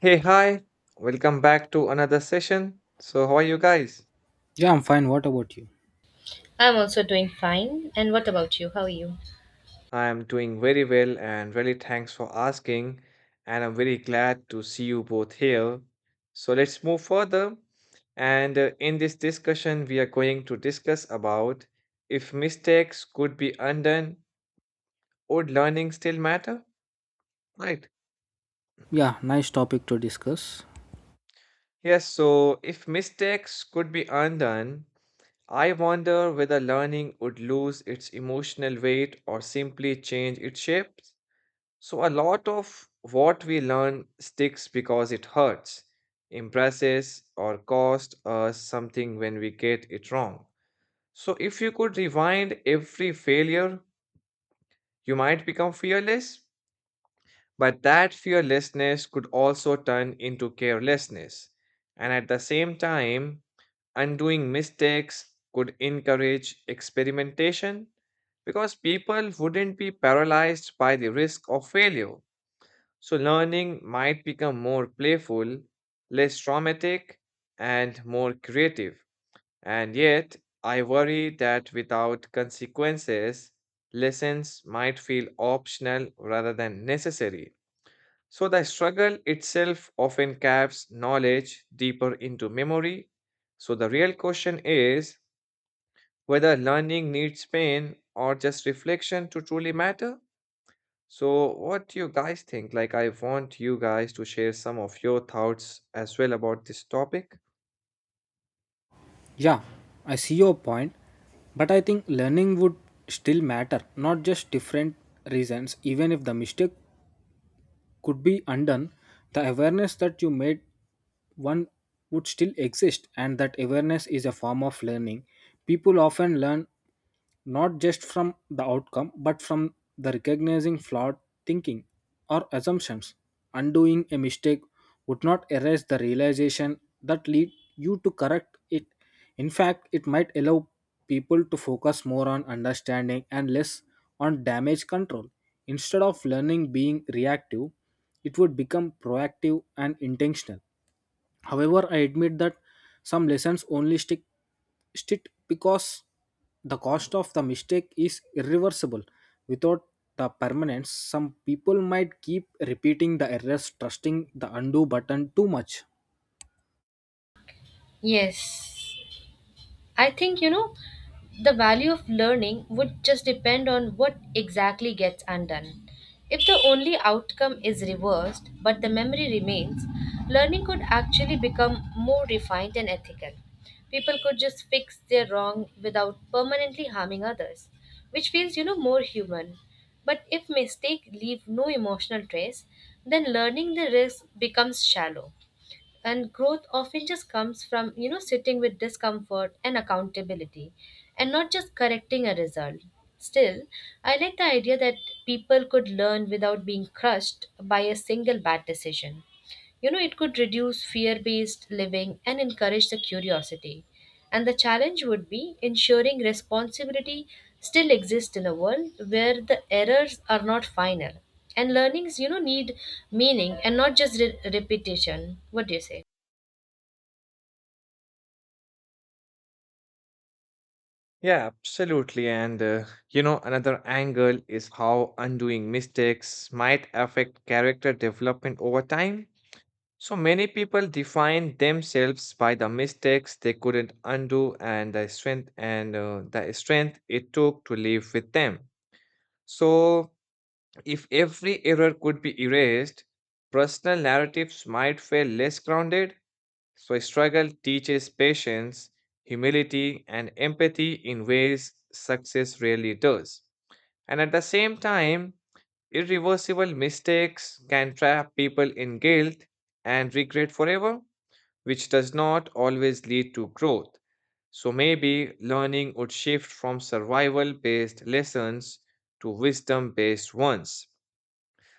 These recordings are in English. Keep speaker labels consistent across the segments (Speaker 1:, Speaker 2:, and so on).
Speaker 1: Hey, hi, welcome back to another session. So, how are you guys?
Speaker 2: Yeah, I'm fine. What about you?
Speaker 3: I'm also doing fine. And what about you? How are you?
Speaker 1: I am doing very well and really thanks for asking. And I'm very glad to see you both here. So, let's move further. And in this discussion, we are going to discuss about if mistakes could be undone, would learning still matter? Right.
Speaker 2: Yeah, nice topic to discuss.
Speaker 1: Yes, so if mistakes could be undone, I wonder whether learning would lose its emotional weight or simply change its shapes. So, a lot of what we learn sticks because it hurts, impresses, or cost us something when we get it wrong. So, if you could rewind every failure, you might become fearless but that fearlessness could also turn into carelessness. And at the same time, undoing mistakes could encourage experimentation because people wouldn't be paralyzed by the risk of failure. So, learning might become more playful, less traumatic, and more creative. And yet, I worry that without consequences, lessons might feel optional rather than necessary. So the struggle itself often caps knowledge deeper into memory. So the real question is whether learning needs pain or just reflection to truly matter. So what do you guys think? Like I want you guys to share some of your thoughts as well about this topic.
Speaker 2: Yeah, I see your point, but I think learning would still matter, not just different reasons. Even if the mistake could be undone, the awareness that you made one would still exist, and that awareness is a form of learning. People often learn not just from the outcome but from the recognizing flawed thinking or assumptions. Undoing a mistake would not erase the realization that lead you to correct it. In fact, it might allow people to focus more on understanding and less on damage control. Instead of learning being reactive, it would become proactive and intentional. However, I admit that some lessons only stick because the cost of the mistake is irreversible. Without the permanence, some people might keep repeating the errors, trusting the undo button too much.
Speaker 3: Yes. I think, the value of learning would just depend on what exactly gets undone. If the only outcome is reversed, but the memory remains, learning could actually become more refined and ethical. People could just fix their wrong without permanently harming others, which feels, more human. But if mistakes leave no emotional trace, then learning the risk becomes shallow, and growth often just comes from, sitting with discomfort and accountability and not just correcting a result. Still, I like the idea that people could learn without being crushed by a single bad decision. It could reduce fear based living and encourage the curiosity, and the challenge would be ensuring responsibility still exists in a world where the errors are not final. And learnings, need meaning and not just repetition. What do you say?
Speaker 1: Yeah, absolutely. And another angle is how undoing mistakes might affect character development over time. So many people define themselves by the mistakes they couldn't undo and the strength and the strength it took to live with them. So if every error could be erased, personal narratives might feel less grounded. So struggle teaches patience, humility and empathy in ways success rarely does. And at the same time, irreversible mistakes can trap people in guilt and regret forever which does not always lead to growth. So maybe learning would shift from survival based lessons to wisdom based ones.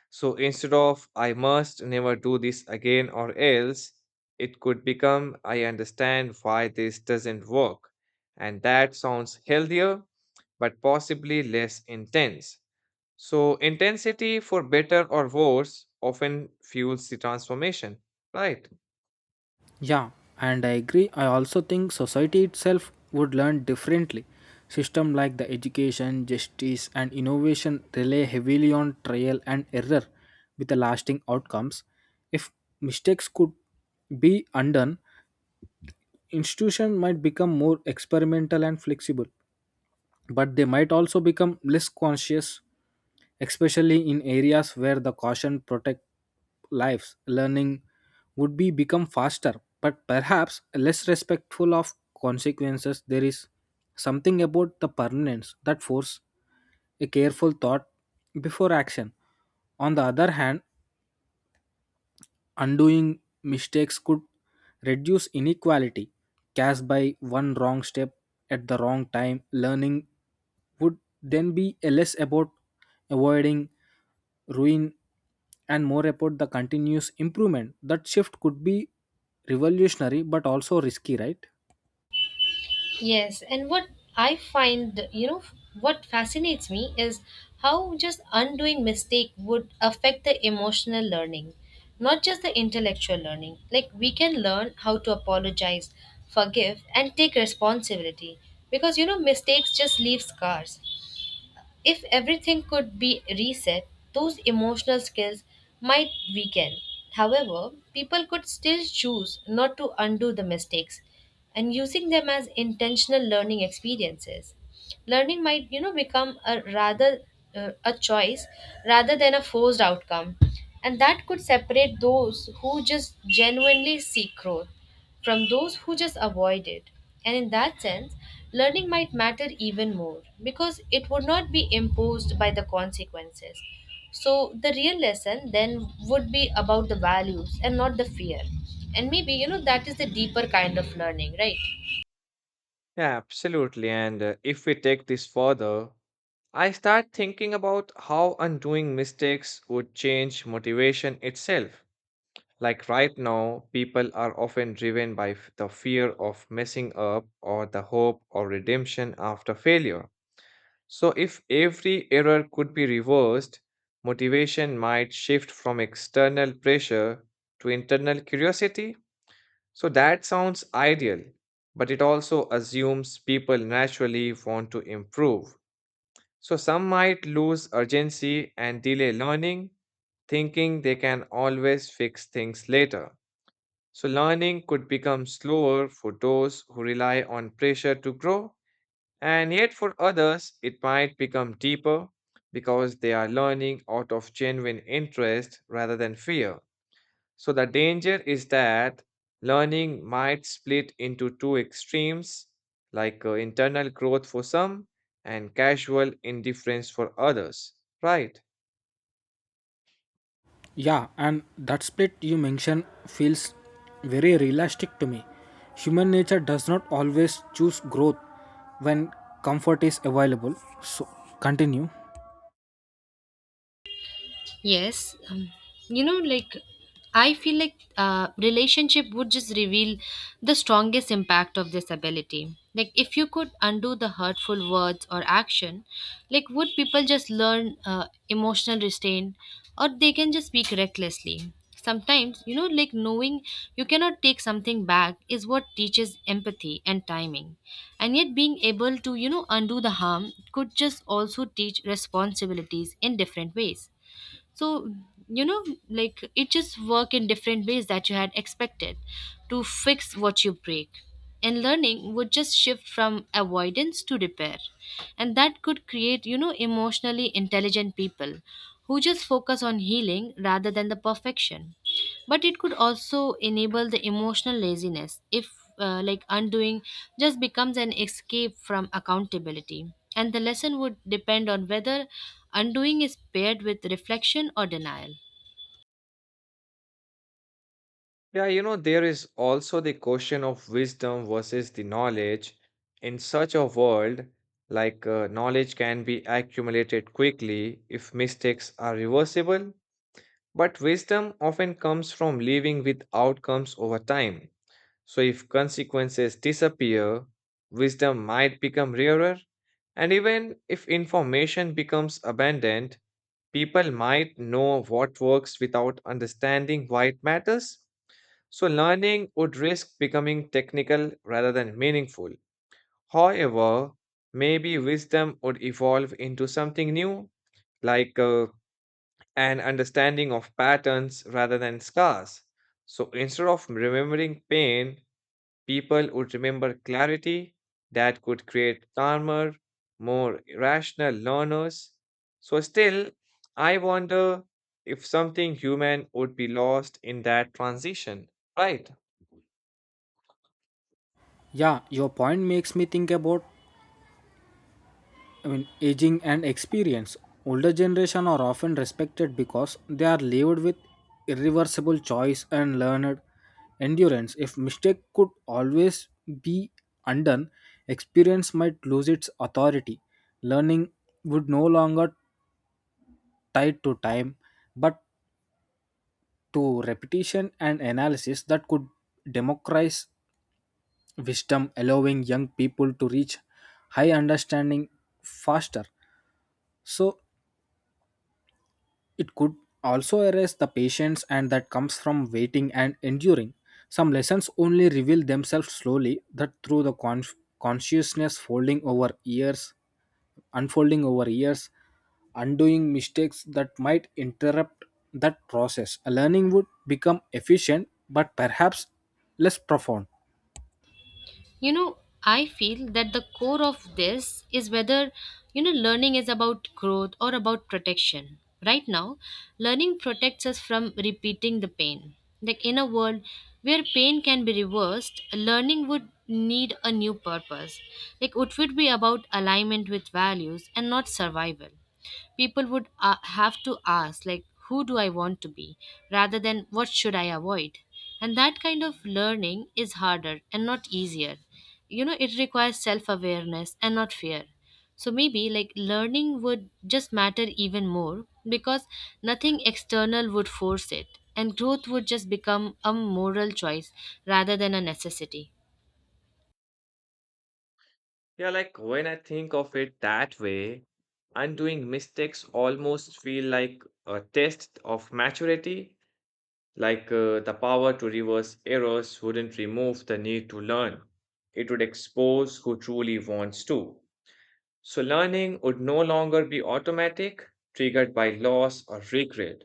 Speaker 1: So instead of I must never do this again or else, it could become I understand why this doesn't work. And that sounds healthier, but possibly less intense. So intensity, for better or worse, often fuels the transformation, right?
Speaker 2: Yeah, and I agree. I also think society itself would learn differently. System like the education, justice, and innovation rely heavily on trial and error with the lasting outcomes. If mistakes could be undone, institution might become more experimental and flexible, but they might also become less conscious, especially in areas where the caution protect lives. Learning would be become faster, but perhaps less respectful of consequences. There is something about the permanence that force a careful thought before action. On the other hand, undoing mistakes could reduce inequality. Cast by one wrong step at the wrong time, learning would then be a less about avoiding ruin and more about the continuous improvement. That shift could be revolutionary but also risky, right?
Speaker 3: Yes, and what I find, what fascinates me is how just undoing mistake would affect the emotional learning, not just the intellectual learning. Like, we can learn how to apologize, forgive, and take responsibility because mistakes just leave scars. If everything could be reset, those emotional skills might weaken. However, people could still choose not to undo the mistakes and using them as intentional learning experiences. Learning might, become a rather a choice rather than a forced outcome. And that could separate those who just genuinely seek growth from those who just avoid it. And in that sense, learning might matter even more because it would not be imposed by the consequences. So, the real lesson then would be about the values and not the fear. And maybe, that is the deeper kind of learning, right?
Speaker 1: Yeah, absolutely. And if we take this further, I start thinking about how undoing mistakes would change motivation itself. Like right now, people are often driven by the fear of messing up or the hope or redemption after failure. So, if every error could be reversed, motivation might shift from external pressure to internal curiosity so that sounds ideal, but it also assumes people naturally want to improve. So some might lose urgency and delay learning, thinking they can always fix things later. So learning could become slower for those who rely on pressure to grow, and yet for others, it might become deeper because they are learning out of genuine interest rather than fear. So the danger is that learning might split into two extremes, like internal growth for some and casual indifference for others. Right.
Speaker 2: Yeah, and that split you mentioned feels very realistic to me. Human nature does not always choose growth when comfort is available. So, continue.
Speaker 3: Yes, you know, like I feel like relationship would just reveal the strongest impact of this ability. Like, if you could undo the hurtful words or action, like, would people just learn emotional restraint or they can just speak recklessly? Sometimes, knowing you cannot take something back is what teaches empathy and timing. And yet, being able to, undo the harm could just also teach responsibilities in different ways. So, you know it just work in different ways that you had expected, to fix what you break, and learning would just shift from avoidance to repair, and that could create, emotionally intelligent people who just focus on healing rather than the perfection. But it could also enable the emotional laziness if, like, undoing just becomes an escape from accountability, and the lesson would depend on whether undoing is paired with reflection or denial.
Speaker 1: Yeah, you know, there is also the question of wisdom versus the knowledge. In such a world, like knowledge can be accumulated quickly if mistakes are reversible, but wisdom often comes from living with outcomes over time. So, if consequences disappear, wisdom might become rarer, and even if information becomes abundant, people might know what works without understanding why it matters. So, learning would risk becoming technical rather than meaningful. However, maybe wisdom would evolve into something new, like an understanding of patterns rather than scars. So instead of remembering pain, people would remember clarity that could create calmer, more rational learners. So, still, I wonder if something human would be lost in that transition, right?
Speaker 2: Yeah, your point makes me think about, I mean, aging and experience. Older generation are often respected because they are lived with irreversible choice and learned endurance. If mistake could always be undone, experience might lose its authority. Learning would no longer tied to time but to repetition and analysis that could democratize wisdom, allowing young people to reach high understanding faster. So it could also erase the patience and that comes from waiting and enduring. Some lessons only reveal themselves slowly that through the consciousness folding over years, unfolding over years. Undoing mistakes that might interrupt that process. A learning would become efficient but perhaps less profound.
Speaker 3: you know I feel that the core of this is whether, learning is about growth or about protection. Right now, learning protects us from repeating the pain. Like, in a world where pain can be reversed, learning would need a new purpose. Like, it would be about alignment with values and not survival. People would have to ask, like, who do I want to be rather than what should I avoid, and that kind of learning is harder and not easier. It requires self awareness and not fear. So maybe, like, learning would just matter even more because nothing external would force it, and growth would just become a moral choice rather than a necessity.
Speaker 1: Yeah, like when I think of it that way, undoing mistakes almost feel like a test of maturity, like the power to reverse errors wouldn't remove the need to learn. It would expose who truly wants to. So learning would no longer be automatic, triggered by loss or regret.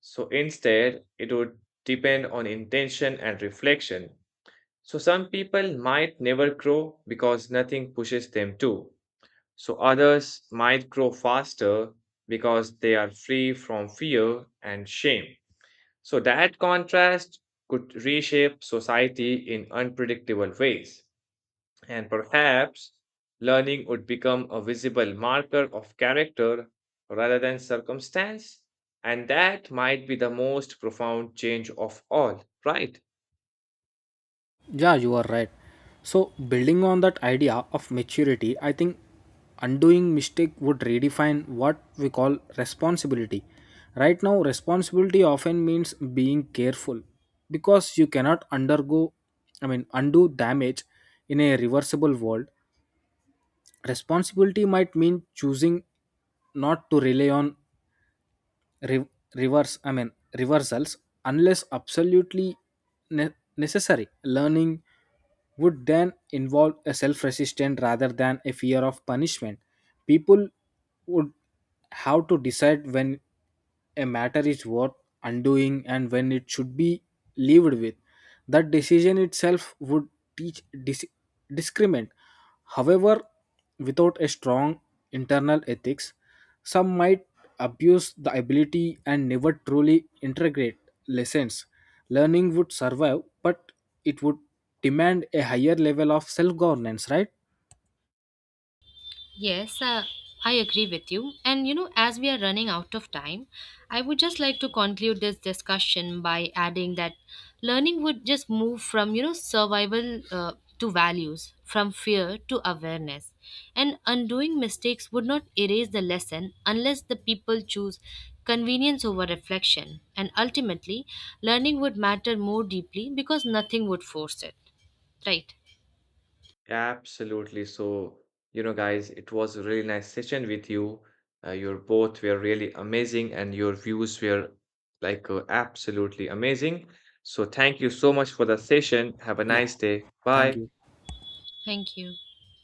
Speaker 1: So instead, it would depend on intention and reflection. So some people might never grow because nothing pushes them to. So others might grow faster because they are free from fear and shame. So that contrast could reshape society in unpredictable ways. And perhaps learning would become a visible marker of character rather than circumstance. And that might be the most profound change of all, right?
Speaker 2: Yeah, you are right. So, building on that idea of maturity, I think undoing mistake would redefine what we call responsibility. Right now, responsibility often means being careful because you cannot undo damage in a reversible world. Responsibility might mean choosing not to rely on re- reverse I mean reversals unless absolutely ne- necessary. Learning would then involve a self resistance rather than a fear of punishment. People would have to decide when a matter is worth undoing and when it should be lived with. That decision itself would teach discriminant. However, without a strong internal ethics, some might abuse the ability and never truly integrate lessons. Learning would survive, but it would demand a higher level of self governance, right?
Speaker 3: Yes, I agree with you. And as we are running out of time, I would just like to conclude this discussion by adding that learning would just move from, survival, to values, from fear to awareness. And undoing mistakes would not erase the lesson unless the people choose convenience over reflection. And ultimately, learning would matter more deeply because nothing would force it. Right.
Speaker 1: Absolutely. So, you know, guys, it was a really nice session with you. Your both were really amazing, and your views were like absolutely amazing. So, thank you so much for the session. Have a
Speaker 2: Yeah,
Speaker 1: nice day.
Speaker 2: thank
Speaker 1: Bye.
Speaker 2: you.
Speaker 3: Thank you.